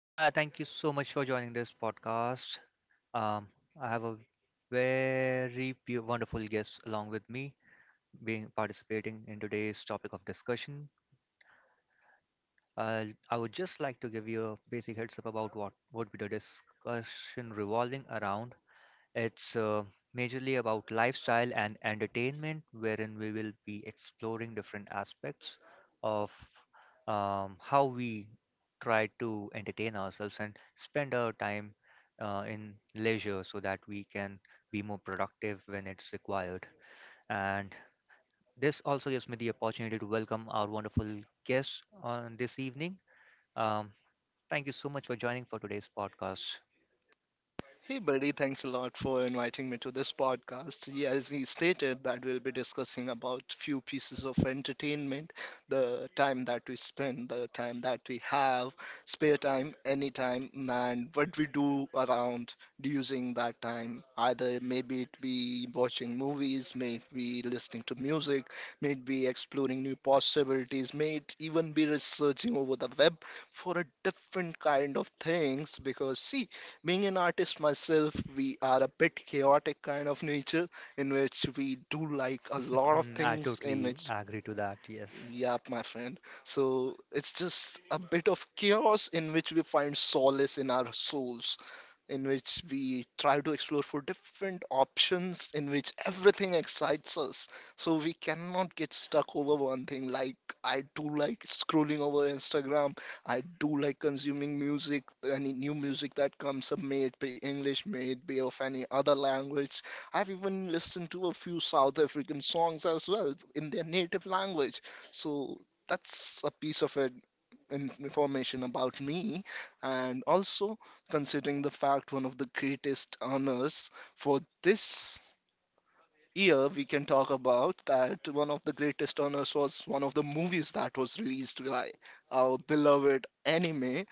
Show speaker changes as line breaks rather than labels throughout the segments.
Hi, thank you so much for joining this podcast. Um, I have a wonderful guest along with me, being participating in today's topic of discussion. Uh, I would just like to give you a basic heads up about what would be the discussion revolving around it's majorly about lifestyle and entertainment, wherein we will be exploring different aspects of how we try to entertain ourselves and spend our time in leisure so that we can be more productive when it's required. And this also gives me the opportunity to welcome our wonderful guest on this evening. Um, Thank you so much for joining for today's podcast.
Hey, buddy, thanks a lot for inviting me to this podcast. Yeah, as he stated, that we'll be discussing about few pieces of entertainment, the time that we spend, the time that we have, spare time, any time, and what we do around using that time. Either maybe it be watching movies, may it be listening to music, may it be exploring new possibilities, may it even be researching over the web for a different kind of things. Because see, being an artist myself, we are a bit chaotic kind of nature in which we do like a lot of
I
things in
totally
which...
agree to that. Yes.
Yep, my friend. So it's just a bit of chaos in which we find solace in our souls, in which we try to explore for different options, in which everything excites us. So we cannot get stuck over one thing. Like, I do like scrolling over Instagram, I do like consuming music, any new music that comes up, may it be English, may it be of any other language. I've even listened to a few South African songs as well in their native language, so that's a piece of it, information about me, and also, considering the fact one of the greatest honors for this year, we can talk about that one of the greatest honors was one of the movies that was released by our beloved anime,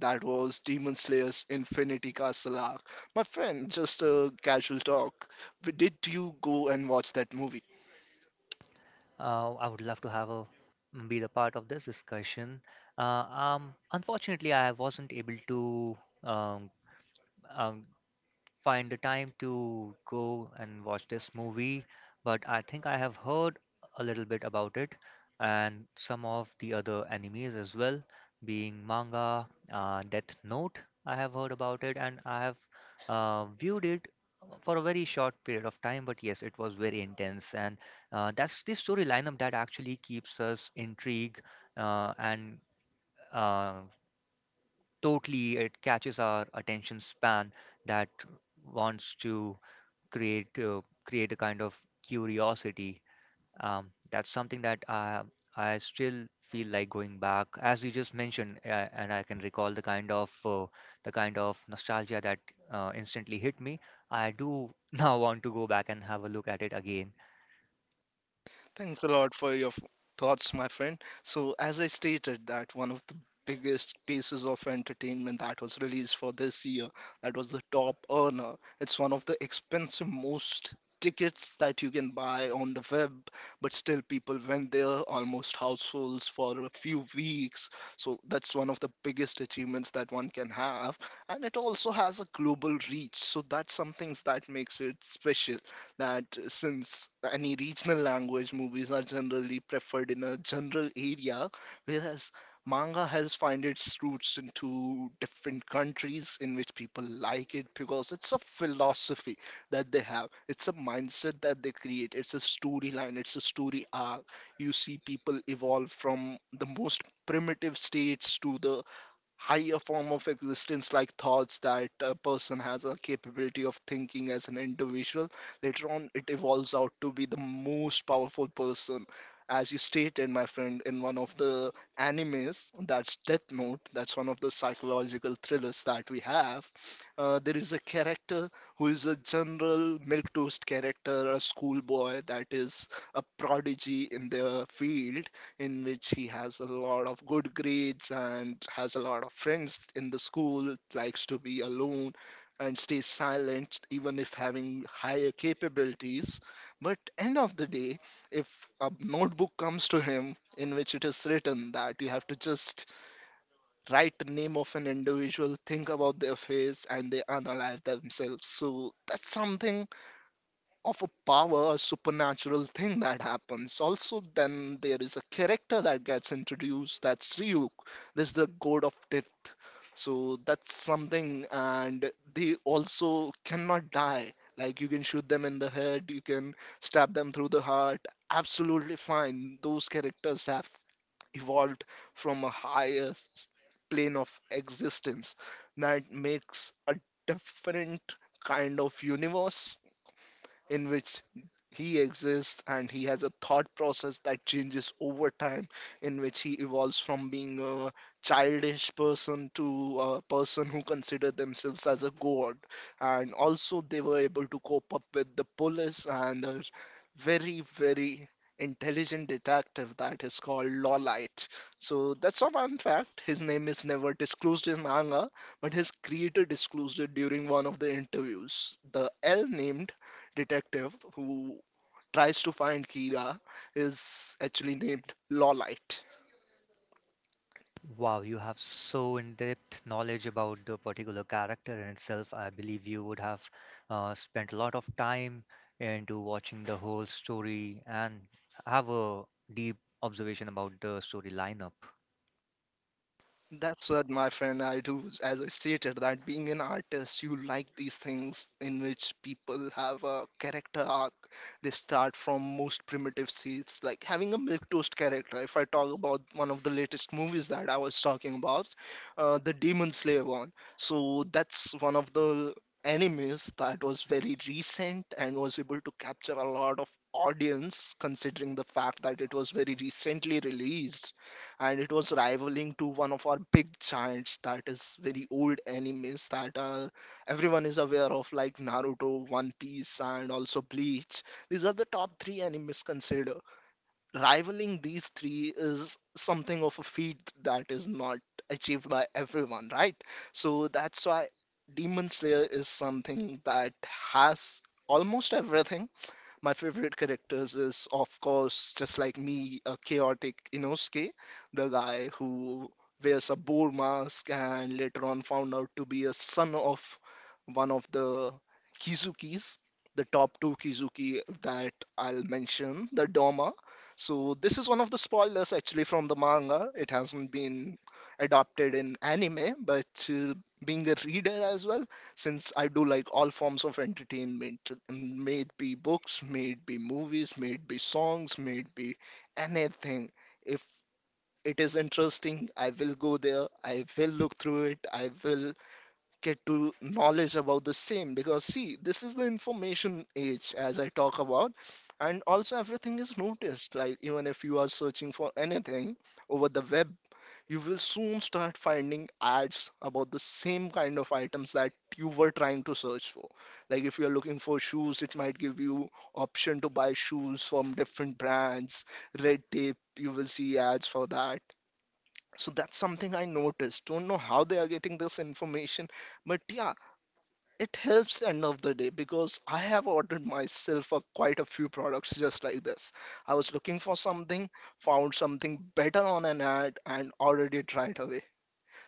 that was Demon Slayer's Infinity Castle arc. My friend, just a casual talk, did you go and watch that movie?
I would love to have a be the part of this discussion. Unfortunately, I wasn't able to um, um, find the time to go and watch this movie, but I think I have heard a little bit about it and some of the other animes as well, being manga, Death Note. I have heard about it and I have viewed it for a very short period of time, but yes, it was very intense, and that's the story lineup that actually keeps us intrigued and uh, totally it catches our attention span that wants to create a kind of curiosity. That's something that I still feel like going back, as you just mentioned, and I can recall the kind of nostalgia that instantly hit me. I do now want to go back and have a look at it again.
Thanks a lot for your thoughts, my friend. So, as I stated, that one of the biggest pieces of entertainment that was released for this year, that was the top earner. It's one of the expensive most tickets that you can buy on the web, but still people went there almost housefuls for a few weeks. So that's one of the biggest achievements that one can have, and it also has a global reach. So that's something that makes it special, that since any regional language movies are generally preferred in a general area, whereas manga has found its roots into different countries in which people like it because it's a philosophy that they have. It's a mindset that they create. It's a storyline. It's a story arc. You see people evolve from the most primitive states to the higher form of existence, like thoughts that a person has a capability of thinking as an individual. Later on, it evolves out to be the most powerful person. As you stated, my friend, in one of the animes, that's Death Note, that's one of the psychological thrillers that we have, there is a character who is a general milquetoast character, a schoolboy that is a prodigy in their field, in which he has a lot of good grades and has a lot of friends in the school, likes to be alone and stays silent even if having higher capabilities. But end of the day, if a notebook comes to him in which it is written that you have to just write the name of an individual, think about their face, and they analyze themselves, so that's something of a power, a supernatural thing that happens. Also, then there is a character that gets introduced, that's Ryuk. There's the god of death. So that's something, and they also cannot die. Like, you can shoot them in the head, you can stab them through the heart. Absolutely fine. Those characters have evolved from a higher plane of existence, that makes a different kind of universe in which he exists and he has a thought process that changes over time, in which he evolves from being a childish person to a person who consider themselves as a god. And also, they were able to cope up with the police and a very, very intelligent detective that is called Lawlight. So that's a fun fact. His name is never disclosed in manga, but his creator disclosed it during one of the interviews. The L named detective who tries to find Kira is actually named Lawlight.
Wow, you have so in-depth knowledge about the particular character in itself. I believe you would have spent a lot of time into watching the whole story and have a deep observation about the story lineup.
That's what, my friend, I do. As I stated, that being an artist, you like these things in which people have a character arc. They start from most primitive seeds, like having a milk toast character. If I talk about one of the latest movies that I was talking about, the Demon Slayer one. So that's one of the animes that was very recent and was able to capture a lot of audience, considering the fact that it was very recently released, and it was rivaling to one of our big giants, that is very old animes that everyone is aware of, like Naruto, One Piece, and also Bleach. These are the top three animes considered. Rivaling these three is something of a feat that is not achieved by everyone, right? So that's why Demon Slayer is something that has almost everything. My favorite characters is, of course, just like me, a chaotic Inosuke, the guy who wears a boar mask and later on found out to be a son of one of the Kizukis, the top two Kizuki that I'll mention, the Doma. So this is one of the spoilers actually from the manga. It hasn't been adopted in anime, but being a reader as well, since I do like all forms of entertainment, may it be books, may it be movies, may it be songs, may it be anything. If it is interesting, I will go there, I will look through it, I will get to knowledge about the same. Because, see, this is the information age, as I talk about, and also everything is noticed. Like, even if you are searching for anything over the web, you will soon start finding ads about the same kind of items that you were trying to search for. Like, if you're looking for shoes, it might give you option to buy shoes from different brands. Red Tape, you will see ads for that. So that's something I noticed. Don't know how they are getting this information, but yeah, it helps end of the day, because I have ordered myself a, quite a few products just like this. I was looking for something, found something better on an ad, and ordered it right away.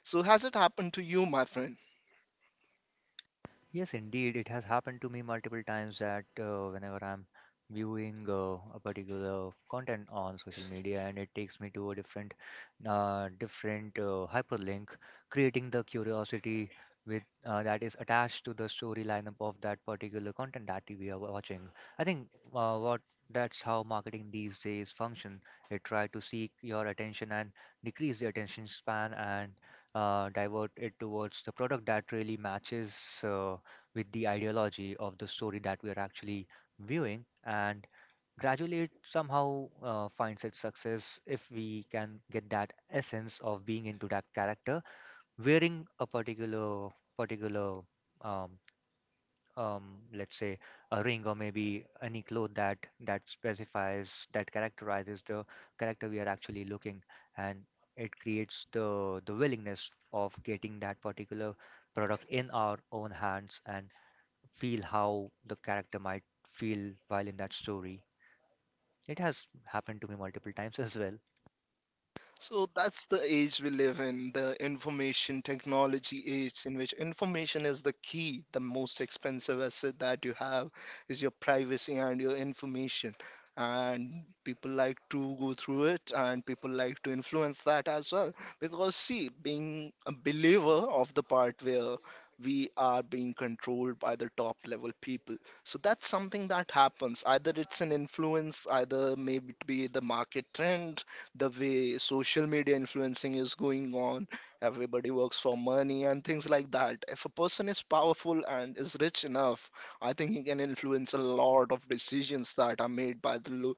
So, has it happened to you, my friend?
Yes, indeed, it has happened to me multiple times that whenever I'm viewing a particular content on social media and it takes me to a different hyperlink, creating the curiosity with that is attached to the story lineup of that particular content that we are watching. I think what that's how marketing these days function. It try to seek your attention and decrease the attention span and divert it towards the product that really matches. Uh, with the ideology of the story that we are actually viewing and gradually it somehow finds its success if we can get that essence of being into that character wearing a particular particular um, um, let's say a ring or maybe any cloth that specifies that characterizes the character we are actually looking and it creates the willingness of getting that particular product in our own hands and feel how the character might feel while in that story. It has happened to me multiple times as well.
So that's the age we live in, the information technology age, in which information is the key. The most expensive asset that you have is your privacy and your information. And people like to go through it, and people like to influence that as well. Because, see, being a believer of the part where we are being controlled by the top level people. So that's something that happens. Either it's an influence, either maybe it be the market trend, the way social media influencing is going on everybody works for money and things like that if a person is powerful and is rich enough I think he can influence a lot of decisions that are made by the lo-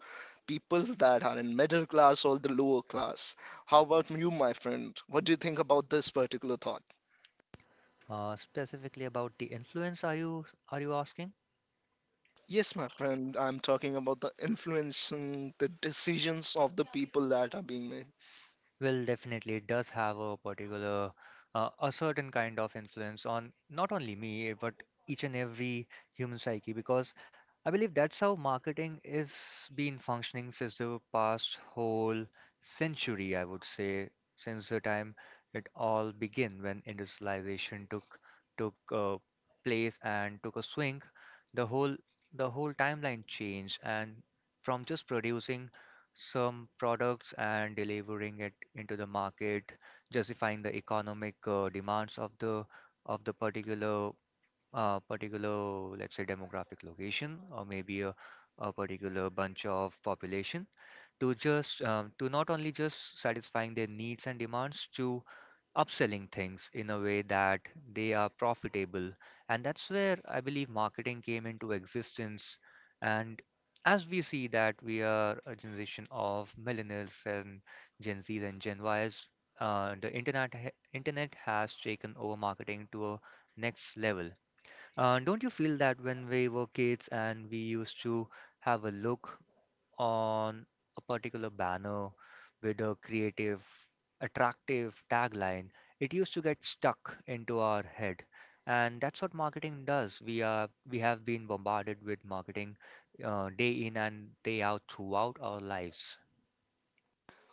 people that are in middle class or the lower class how about you my friend what do you think about this particular thought
Specifically about the influence, are you asking?
Yes, my friend, I'm talking about the influencing the decisions of the people that are being made.
Well, definitely it does have a particular, a certain kind of influence on not only me, but each and every human psyche, because I believe that's how marketing is been functioning since the past whole century, I would say, since the time it all began when industrialization took place and took a swing, the whole the whole timeline changed, and from just producing some products and delivering it into the market, justifying the economic demands of the particular let's say, demographic location or maybe a particular bunch of population to just to not only just satisfying their needs and demands to upselling things in a way that they are profitable, and that's where I believe marketing came into existence. And as we see that we are a generation of millennials and Gen Z and Gen Y's, the internet has taken over marketing to a next level. Don't you feel that when we were kids and we used to have a look on a particular banner with a creative, attractive tagline, it used to get stuck into our head. And that's what marketing does. We have been bombarded with marketing day in and day out throughout our lives.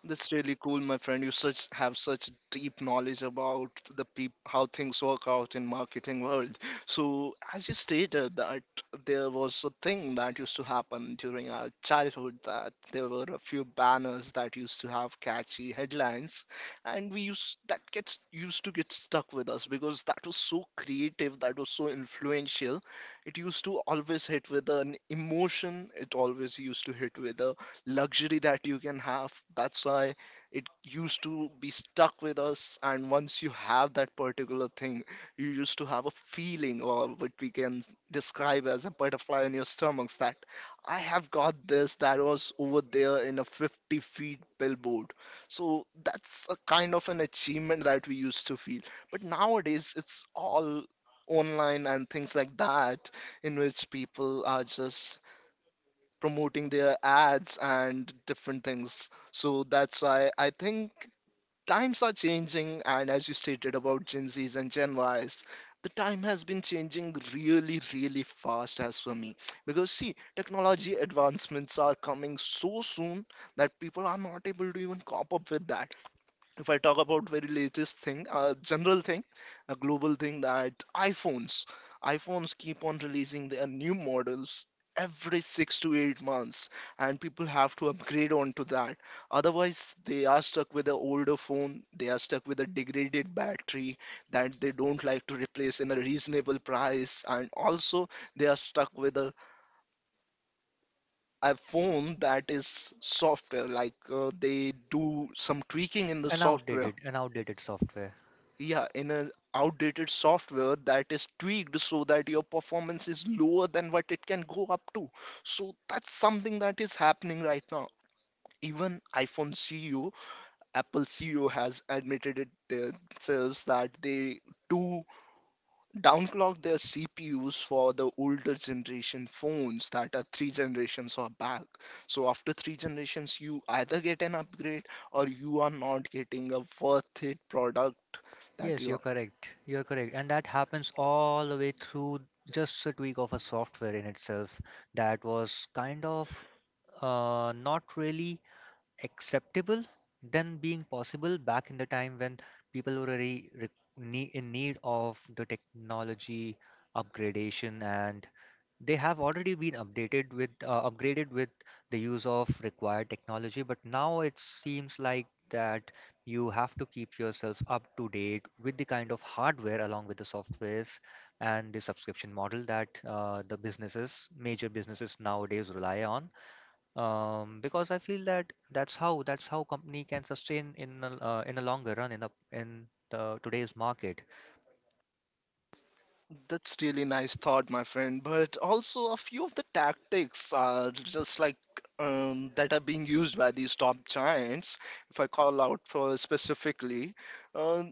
That's really cool, my friend. You such have such deep knowledge about the peop how things work out in marketing world. So, as you stated, that there was a thing that used to happen during our childhood, that there were a few banners that used to have catchy headlines, and we used that gets used to get stuck with us, because that was so creative, that was so influential. It used to always hit with an emotion. It always used to hit with a luxury that you can have. That's why it used to be stuck with us. And once you have that particular thing, you used to have a feeling, or what we can describe as a butterfly in your stomachs, that I have got this that was over there in a 50 feet billboard. So that's a kind of an achievement that we used to feel. But nowadays, it's all online and things like that, in which people are just promoting their ads and different things. So that's why I think times are changing. And as you stated about Gen Zs and Gen Ys, the time has been changing really, really fast as for me. Because see, technology advancements are coming so soon that people are not able to even cop up with that. If I talk about very latest thing, a general thing, a global thing, that iPhones, iPhones keep on releasing their new models every 6 to 8 months, and people have to upgrade onto that. Otherwise, they are stuck with the older phone. They are stuck with a degraded battery that they don't like to replace in a reasonable price, and also they are stuck with a phone that is software, like, they do some tweaking in the software,
An outdated software.
yeah, in an outdated software that is tweaked so that your performance is lower than what it can go up to. So that's something that is happening right now. Even iphone ceo Apple CEO has admitted it themselves that they do downclock their CPUs for the older generation phones that are three generations or back. So after three generations, you either get an upgrade, or you are not getting a worth it product that
Yes,
you
you're
are
correct. You're correct. And that happens all the way through just a tweak of a software in itself that was kind of not really acceptable than being possible back in the time when people were in need of the technology upgradation and they have already been updated with upgraded with the use of required technology, but now it seems like that you have to keep yourselves up to date with the kind of hardware along with the softwares and the subscription model that the businesses major businesses nowadays rely on. Because I feel that that's how company can sustain in in a longer run in a in the today's market.
that's really nice thought, my friend. But also, a few of the tactics are just like, that are being used by these top giants. If I call out for specifically, uh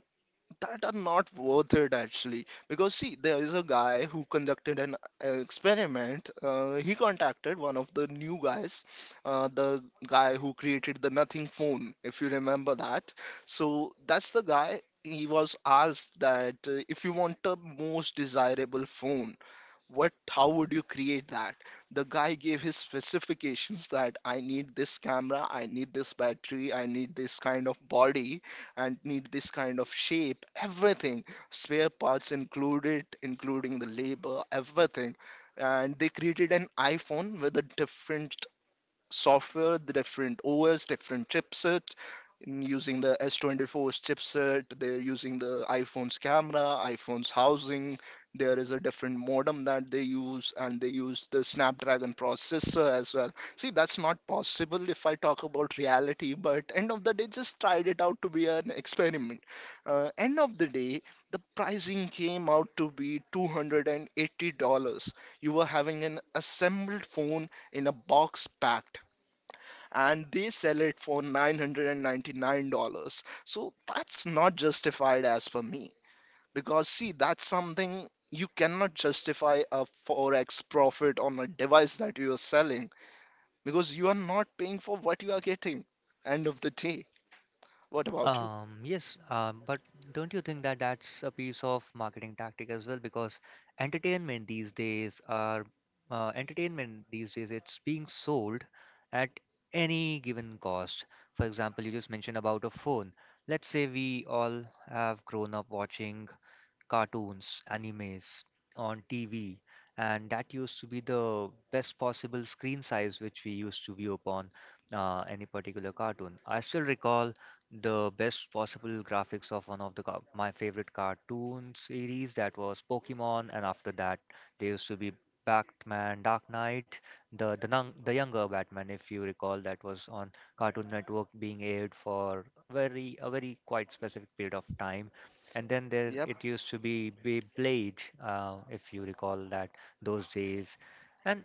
that are not worth it actually, because see, there is a guy who conducted an experiment. He contacted one of the new guys, the guy who created the Nothing Phone, if you remember that. So that's the guy. He was asked that, if you want the most desirable phone, what how would you create that? The guy gave his specifications that, I need this camera, I need this battery, I need this kind of body, and need this kind of shape, everything. Spare parts included, including the labor, everything. And they created an iPhone with a different software, the different OS, different chipset. In using the S24's chipset, they're using the iPhone's camera, iPhone's housing. There is a different modem that they use, and they use the Snapdragon processor as well. See, that's not possible if I talk about reality, but end of the day, just tried it out to be an experiment. End of the day, the pricing came out to be $280. You were having an assembled phone in a box packed, and they sell it for $999. So that's not justified as per me. Because, see, that's something you cannot justify, a 4x profit on a device that you are selling, because you are not paying for what you are getting. End of the day. What about you?
Yes, but don't you think that that's a piece of marketing tactic as well? Because entertainment these days are entertainment these days it's being sold at any given cost. For example, you just mentioned about a phone. Let's say we all have grown up watching cartoons, animes on TV, and that used to be the best possible screen size which we used to view upon any particular cartoon. I still recall the best possible graphics of one of the my favorite cartoon series, that was Pokemon, and after that there used to be Batman, Dark Knight, the younger Batman, if you recall, that was on Cartoon Network, being aired for very a very quite specific period of time, and then there
Yep.
it used to be Beyblade, if you recall, that those days. And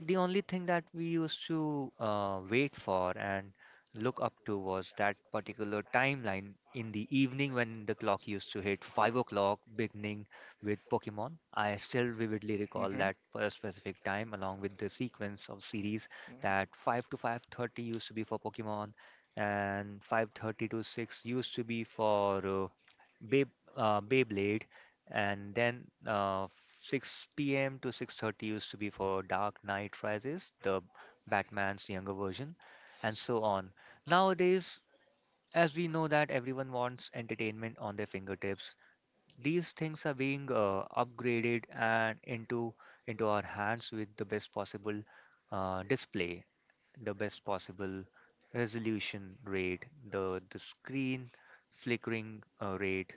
the only thing that we used to wait for and look up to was that particular timeline in the evening when the clock used to hit 5 o'clock, beginning with Pokemon. I still vividly recall
Hmm.
that for a specific time, along with the sequence of series that 5:00 to 5:30 used to be for Pokemon, and 5:30 to six used to be for Bay, Beyblade, and then 6 p.m. to 6:30 used to be for Dark Knight Rises, the Batman's younger version, and so on. Nowadays, as we know that everyone wants entertainment on their fingertips, these things are being upgraded and into our hands with the best possible display, the best possible resolution rate, the screen flickering rate,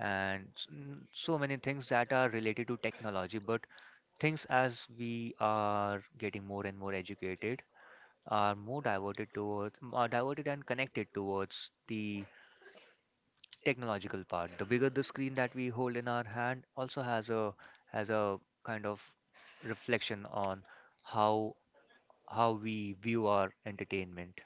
and so many things that are related to technology. But things as we are getting more and more educated are more are diverted and connected towards the technological part. The bigger the screen that we hold in our hand also has a kind of reflection on how how we view our entertainment.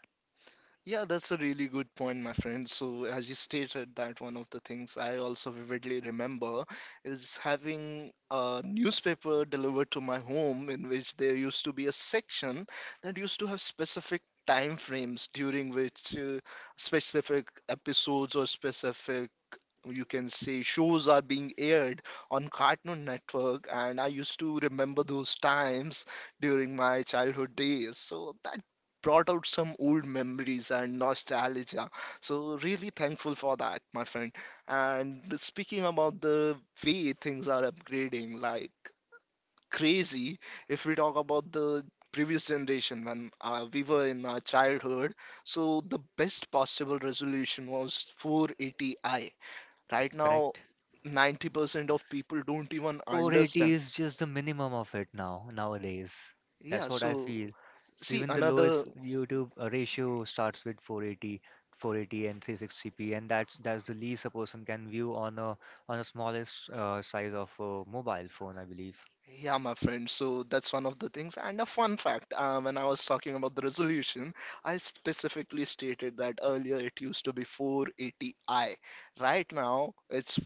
Yeah, that's a really good point, my friend. So, as you stated, that one of the things I also vividly remember is having a newspaper delivered to my home, in which there used to be a section that used to have specific time frames during which, specific episodes or specific, you can say, shows are being aired on Cartoon Network, and I used to remember those times during my childhood days. So that brought out some old memories and nostalgia. So, really thankful for that, my friend. And speaking about the way things are upgrading, like crazy, if we talk about the previous generation, when we were in our childhood, so the best possible resolution was 480i. Right now,
Correct?
90% of people don't even
480
understand.
is just the minimum of it now nowadays. That's
Yeah,
what I
so
feel.
see
Even the lowest
another.
YouTube ratio starts with 480, 480 and 360p, and that's the least a person can view on a smallest size of a mobile phone, I believe.
Yeah, my friend. So that's one of the things. And a fun fact, when I was talking about the resolution, I specifically stated that earlier it used to be 480i. Right now, it's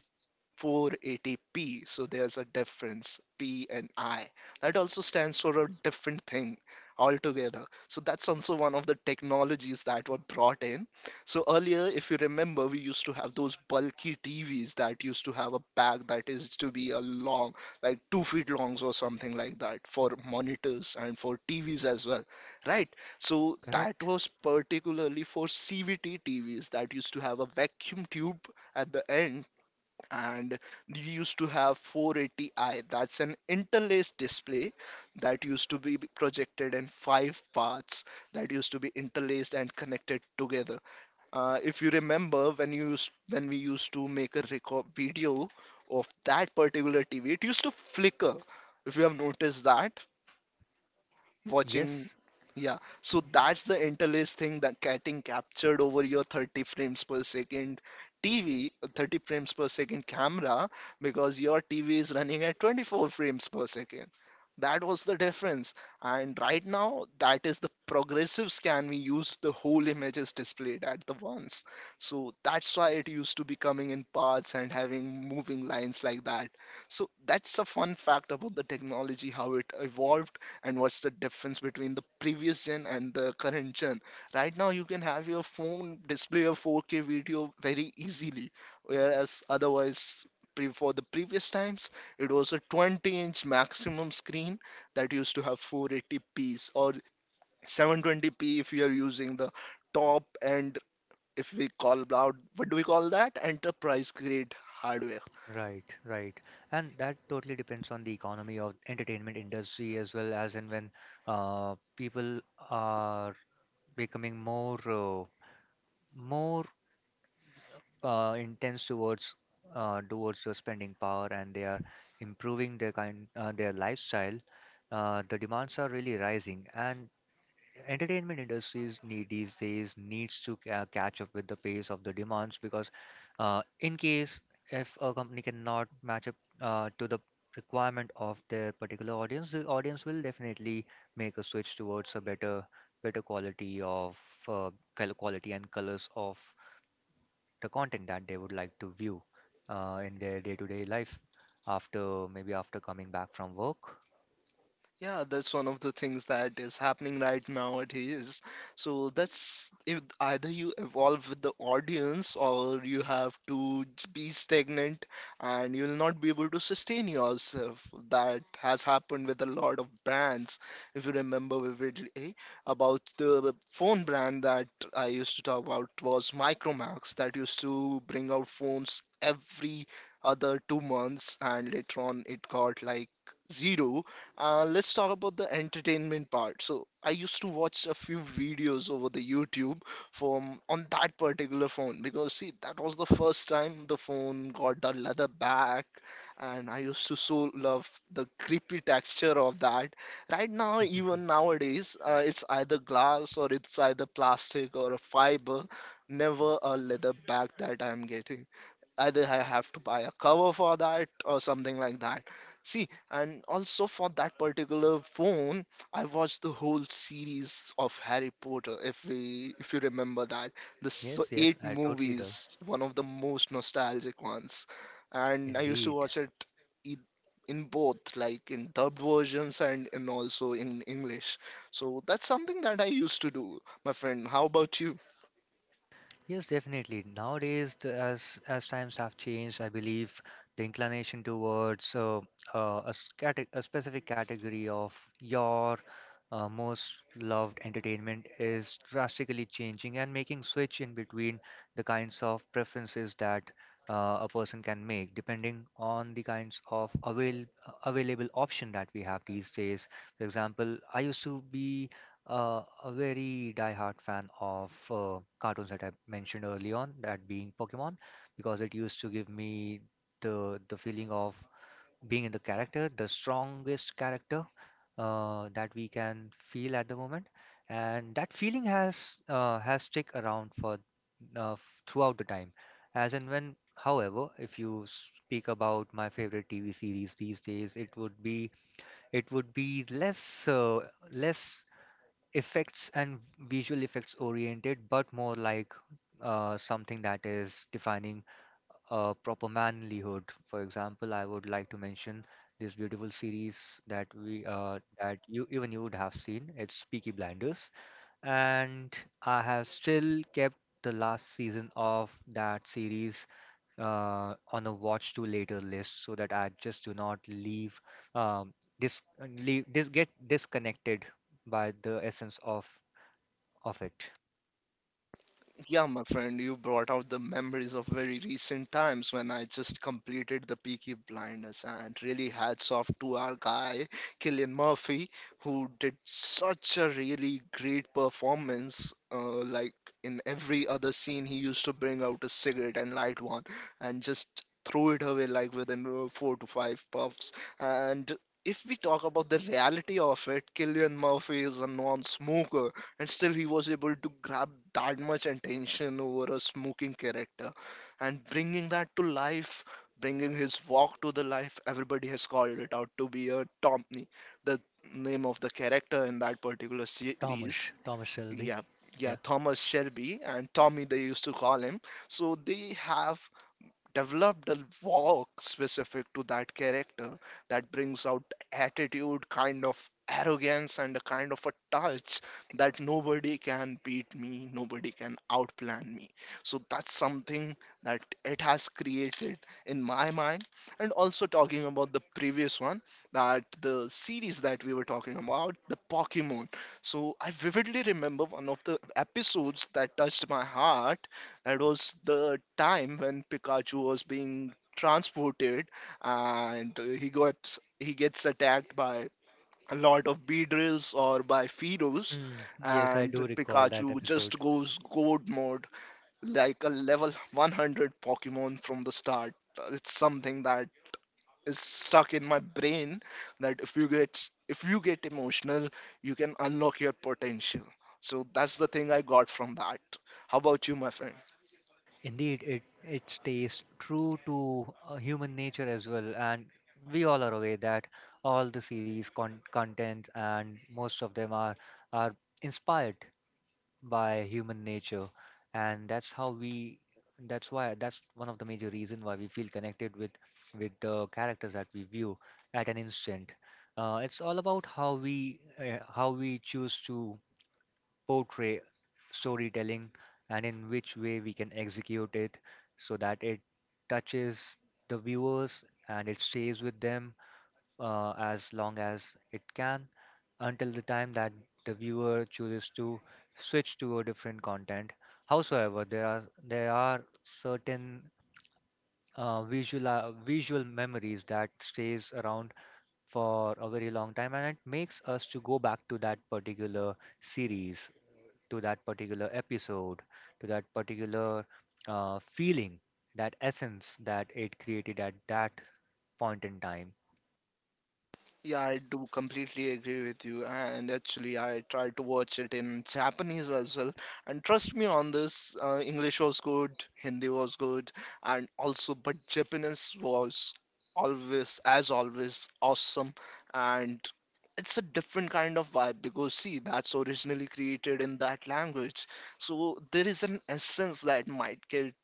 480p. So there's a difference, P and I. That also stands for a different thing altogether. So that's also one of the technologies that were brought in. So earlier, if you remember, we used to have those bulky TVs that used to have a back that is to be a long, like 2 feet longs or something like that, for monitors and for TVs as well, right? So that
Correct?
was particularly for CVT TVs that used to have a vacuum tube at the end, and we used to have 480i, that's an interlaced display that used to be projected in five parts, that used to be interlaced and connected together. If you remember, when we used to make a record video of that particular TV, it used to flicker, if you have noticed that, watching.
Yes.
Yeah, so that's the interlace thing that getting captured over your 30 frames per second TV, 30 frames per second camera, because your TV is running at 24 frames per second. That was the difference. And right now, that is the progressive scan we use, the whole image is displayed at the once. So that's why it used to be coming in parts and having moving lines like that. So that's a fun fact about the technology, how it evolved, and what's the difference between the previous gen and the current gen. Right now, you can have your phone display a 4K video very easily, whereas otherwise, for the previous times, it was a 20-inch maximum screen that used to have 480p or 720p, if you are using the top, and if we call out, what do we call that, enterprise grade hardware.
Right, right. And that totally depends on the economy of entertainment industry, as well as and when people are becoming more intense towards towards the spending power, and they are improving their lifestyle. The demands are really rising, and entertainment industries need these days needs to catch up with the pace of the demands, because in case if a company cannot match up to the requirement of their particular audience, the audience will definitely make a switch towards a better quality of uh, quality and colors of the content that they would like to view in their day-to-day life, after maybe after coming back from work.
Yeah, that's one of the things that is happening right nowadays. So that's, if either you evolve with the audience, or you have to be stagnant, and you'll not be able to sustain yourself. That has happened with a lot of brands. If you remember vividly about the phone brand that I used to talk about, was Micromax, that used to bring out phones every other 2 months, and later on it got like zero. Let's talk about the entertainment part. So I used to watch a few videos over the YouTube from on that particular phone, because, see, that was the first time the phone got the leather back, and I used to so love the creepy texture of that. Right now, even nowadays, it's either glass or it's either plastic or a fiber, never a leather back that I'm getting. Either I have to buy a cover for that or something like that. See, and also for that particular phone, I watched the whole series of Harry Potter. If you remember that, the
Yes, yes,
eight
I totally do.
movies, one of the most nostalgic ones, and I used to
Indeed.
watch it e- in both, like in dubbed versions, and also in English. So that's something that I used to do, my friend. How about you?
Yes, definitely. Nowadays, as times have changed, I believe the inclination towards a specific category of your most loved entertainment is drastically changing and making switch in between the kinds of preferences that a person can make, depending on the kinds of available option that we have these days. For example, I used to be a very die-hard fan of cartoons that I mentioned early on, that being Pokemon, because it used to give me the feeling of being in the character, the strongest character that we can feel at the moment, and that feeling has stick around for throughout the time. As and when, however, if you speak about my favorite TV series these days, it would be less less effects and visual effects oriented, but more like something that is defining a proper manlyhood. For example, I would like to mention this beautiful series that you even you would have seen. It's Peaky Blinders, and I have still kept the last season of that series on a watch to later list, so that I just do not leave um, this leave this get disconnected by the essence of it.
Yeah, my friend, you brought out the memories of very recent times when I just completed the Peaky Blinders, and really hats off to our guy, Killian Murphy, who did such a really great performance. Like, in every other scene, he used to bring out a cigarette and light one, and just throw it away, like within four to five puffs. And if we talk about the reality of it, Killian Murphy is a non smoker, and still he was able to grab that much attention over a smoking character, and bringing that to life, bringing his walk to the life. Everybody has called it out to be a Tomney, the name of the character in that particular series.
Thomas, Thomas Shelby.
Yeah, yeah,
Yeah.
Thomas Shelby, and Tommy they used to call him. So they have developed a walk specific to that character that brings out attitude, kind of arrogance, and a kind of a touch that, nobody can beat me, nobody can outplan me. So that's something that it has created in my mind. And also talking about the previous one, that the series that we were talking about, the Pokemon. So I vividly remember one of the episodes that touched my heart. It was the time when Pikachu was being transported, and he gets attacked by a lot of Beedrills or by Fearows,
Mm, yes, I
and
do recall
Pikachu
that episode.
just goes gold mode, like a level 100 Pokemon from the start. It's something that is stuck in my brain, that if you get emotional, you can unlock your potential. So that's the thing I got from that. How about you, my friend?
Indeed, it stays true to human nature as well, and we all are aware that all the series content, and most of them are inspired by human nature, and that's how we that's why that's one of the major reason why we feel connected with the characters that we view at an instant. It's all about how we choose to portray storytelling and in which way we can execute it so that it touches the viewers and it stays with them as long as it can, until the time that the viewer chooses to switch to a different content. However, there are certain visual memories that stays around for a very long time, and it makes us to go back to that particular series, to that particular episode, to that particular feeling, that essence that it created at that point in time.
Yeah, I do completely agree with you. And actually, I tried to watch it in Japanese as well. And trust me on this, English was good, Hindi was good, and also, but Japanese was always, as always, awesome. And it's a different kind of vibe because, see, that's originally created in that language. So there is an essence that might get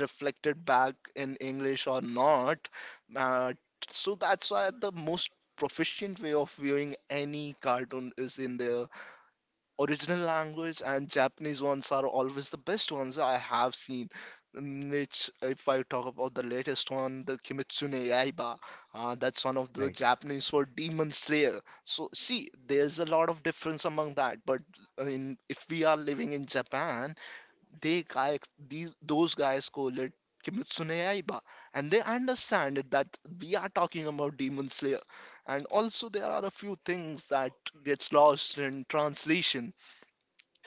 reflected back in English or not. Uh, so that's why the most proficient way of viewing any cartoon is in their original language, and Japanese ones are always the best ones I have seen. Which, if I talk about the latest one, the Kimetsu no Yaiba, that's one of the
Right.
Japanese for Demon Slayer. So, see, there's a lot of difference among that. But if we are living in Japan, they guys these those guys call it Kimetsu no Yaiba, and they understand it that we are talking about Demon Slayer, and also there are a few things that gets lost in translation,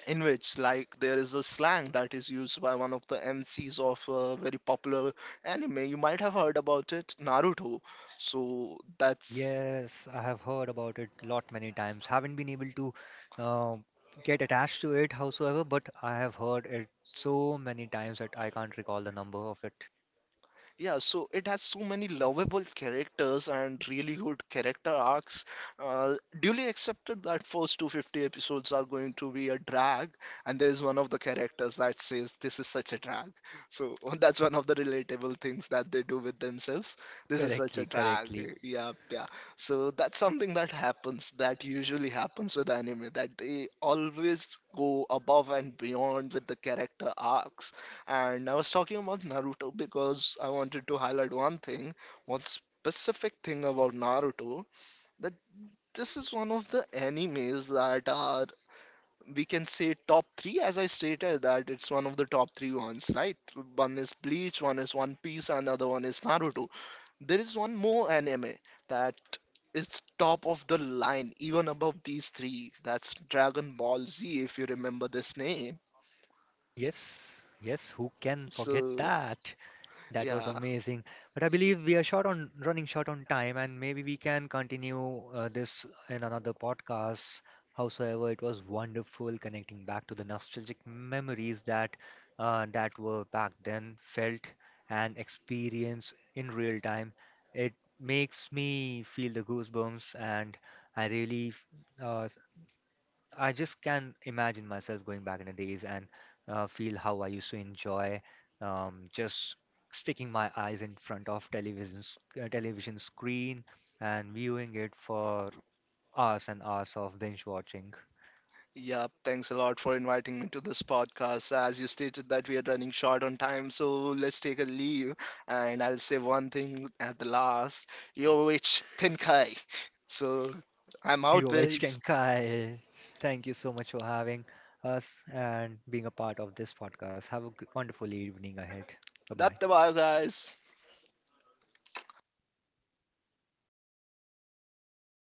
in which, like, there is a slang that is used by one of the MCs of a very popular anime. You might have heard about it, Naruto. So that's
Yes, I have heard about it lot many times. Haven't been able to uh, get attached to it, howsoever, but I have heard it so many times that I can't recall the number of it
Yeah, so it has so many lovable characters and really good character arcs. Uh, Duly accepted that first 250 episodes are going to be a drag, and there is one of the characters that says, "This is such a drag." So that's one of the relatable things that they do with themselves. This is such a
correctly,
drag.
correctly.
Yeah, yeah. So that's something that happens, that usually happens with anime, that they always go above and beyond with the character arcs, and I was talking about Naruto because I wanted to highlight one thing, one specific thing about Naruto, that this is one of the animes that are, we can say, top three, as I stated that it's one of the top three ones, right? One is Bleach, one is One Piece, and another one is Naruto. There is one more anime that is top of the line, even above these three. That's Dragon Ball Z, if you remember this name.
Yes, yes, who can forget
So,
that? That was
yeah,
amazing. But I believe we are short on running short on time, and maybe we can continue this in another podcast. Howsoever, it was wonderful connecting back to the nostalgic memories that that were back then felt and experienced in real time. It makes me feel the goosebumps, and I really f- uh, I just can imagine myself going back in the days and feel how I used to enjoy just sticking my eyes in front of television screen and viewing it for hours and hours of binge watching.
yeah, thanks a lot for inviting me to this podcast. As you stated that we are running short on time, so let's take a leave, and I'll say one thing at the last. Yo, it's Tenkai. So I'm out,
Yovesh
guys.
and Kai, thank you so much for having us and being a part of this podcast. Have a wonderful evening ahead. Bye bye.
That's the Datte guys.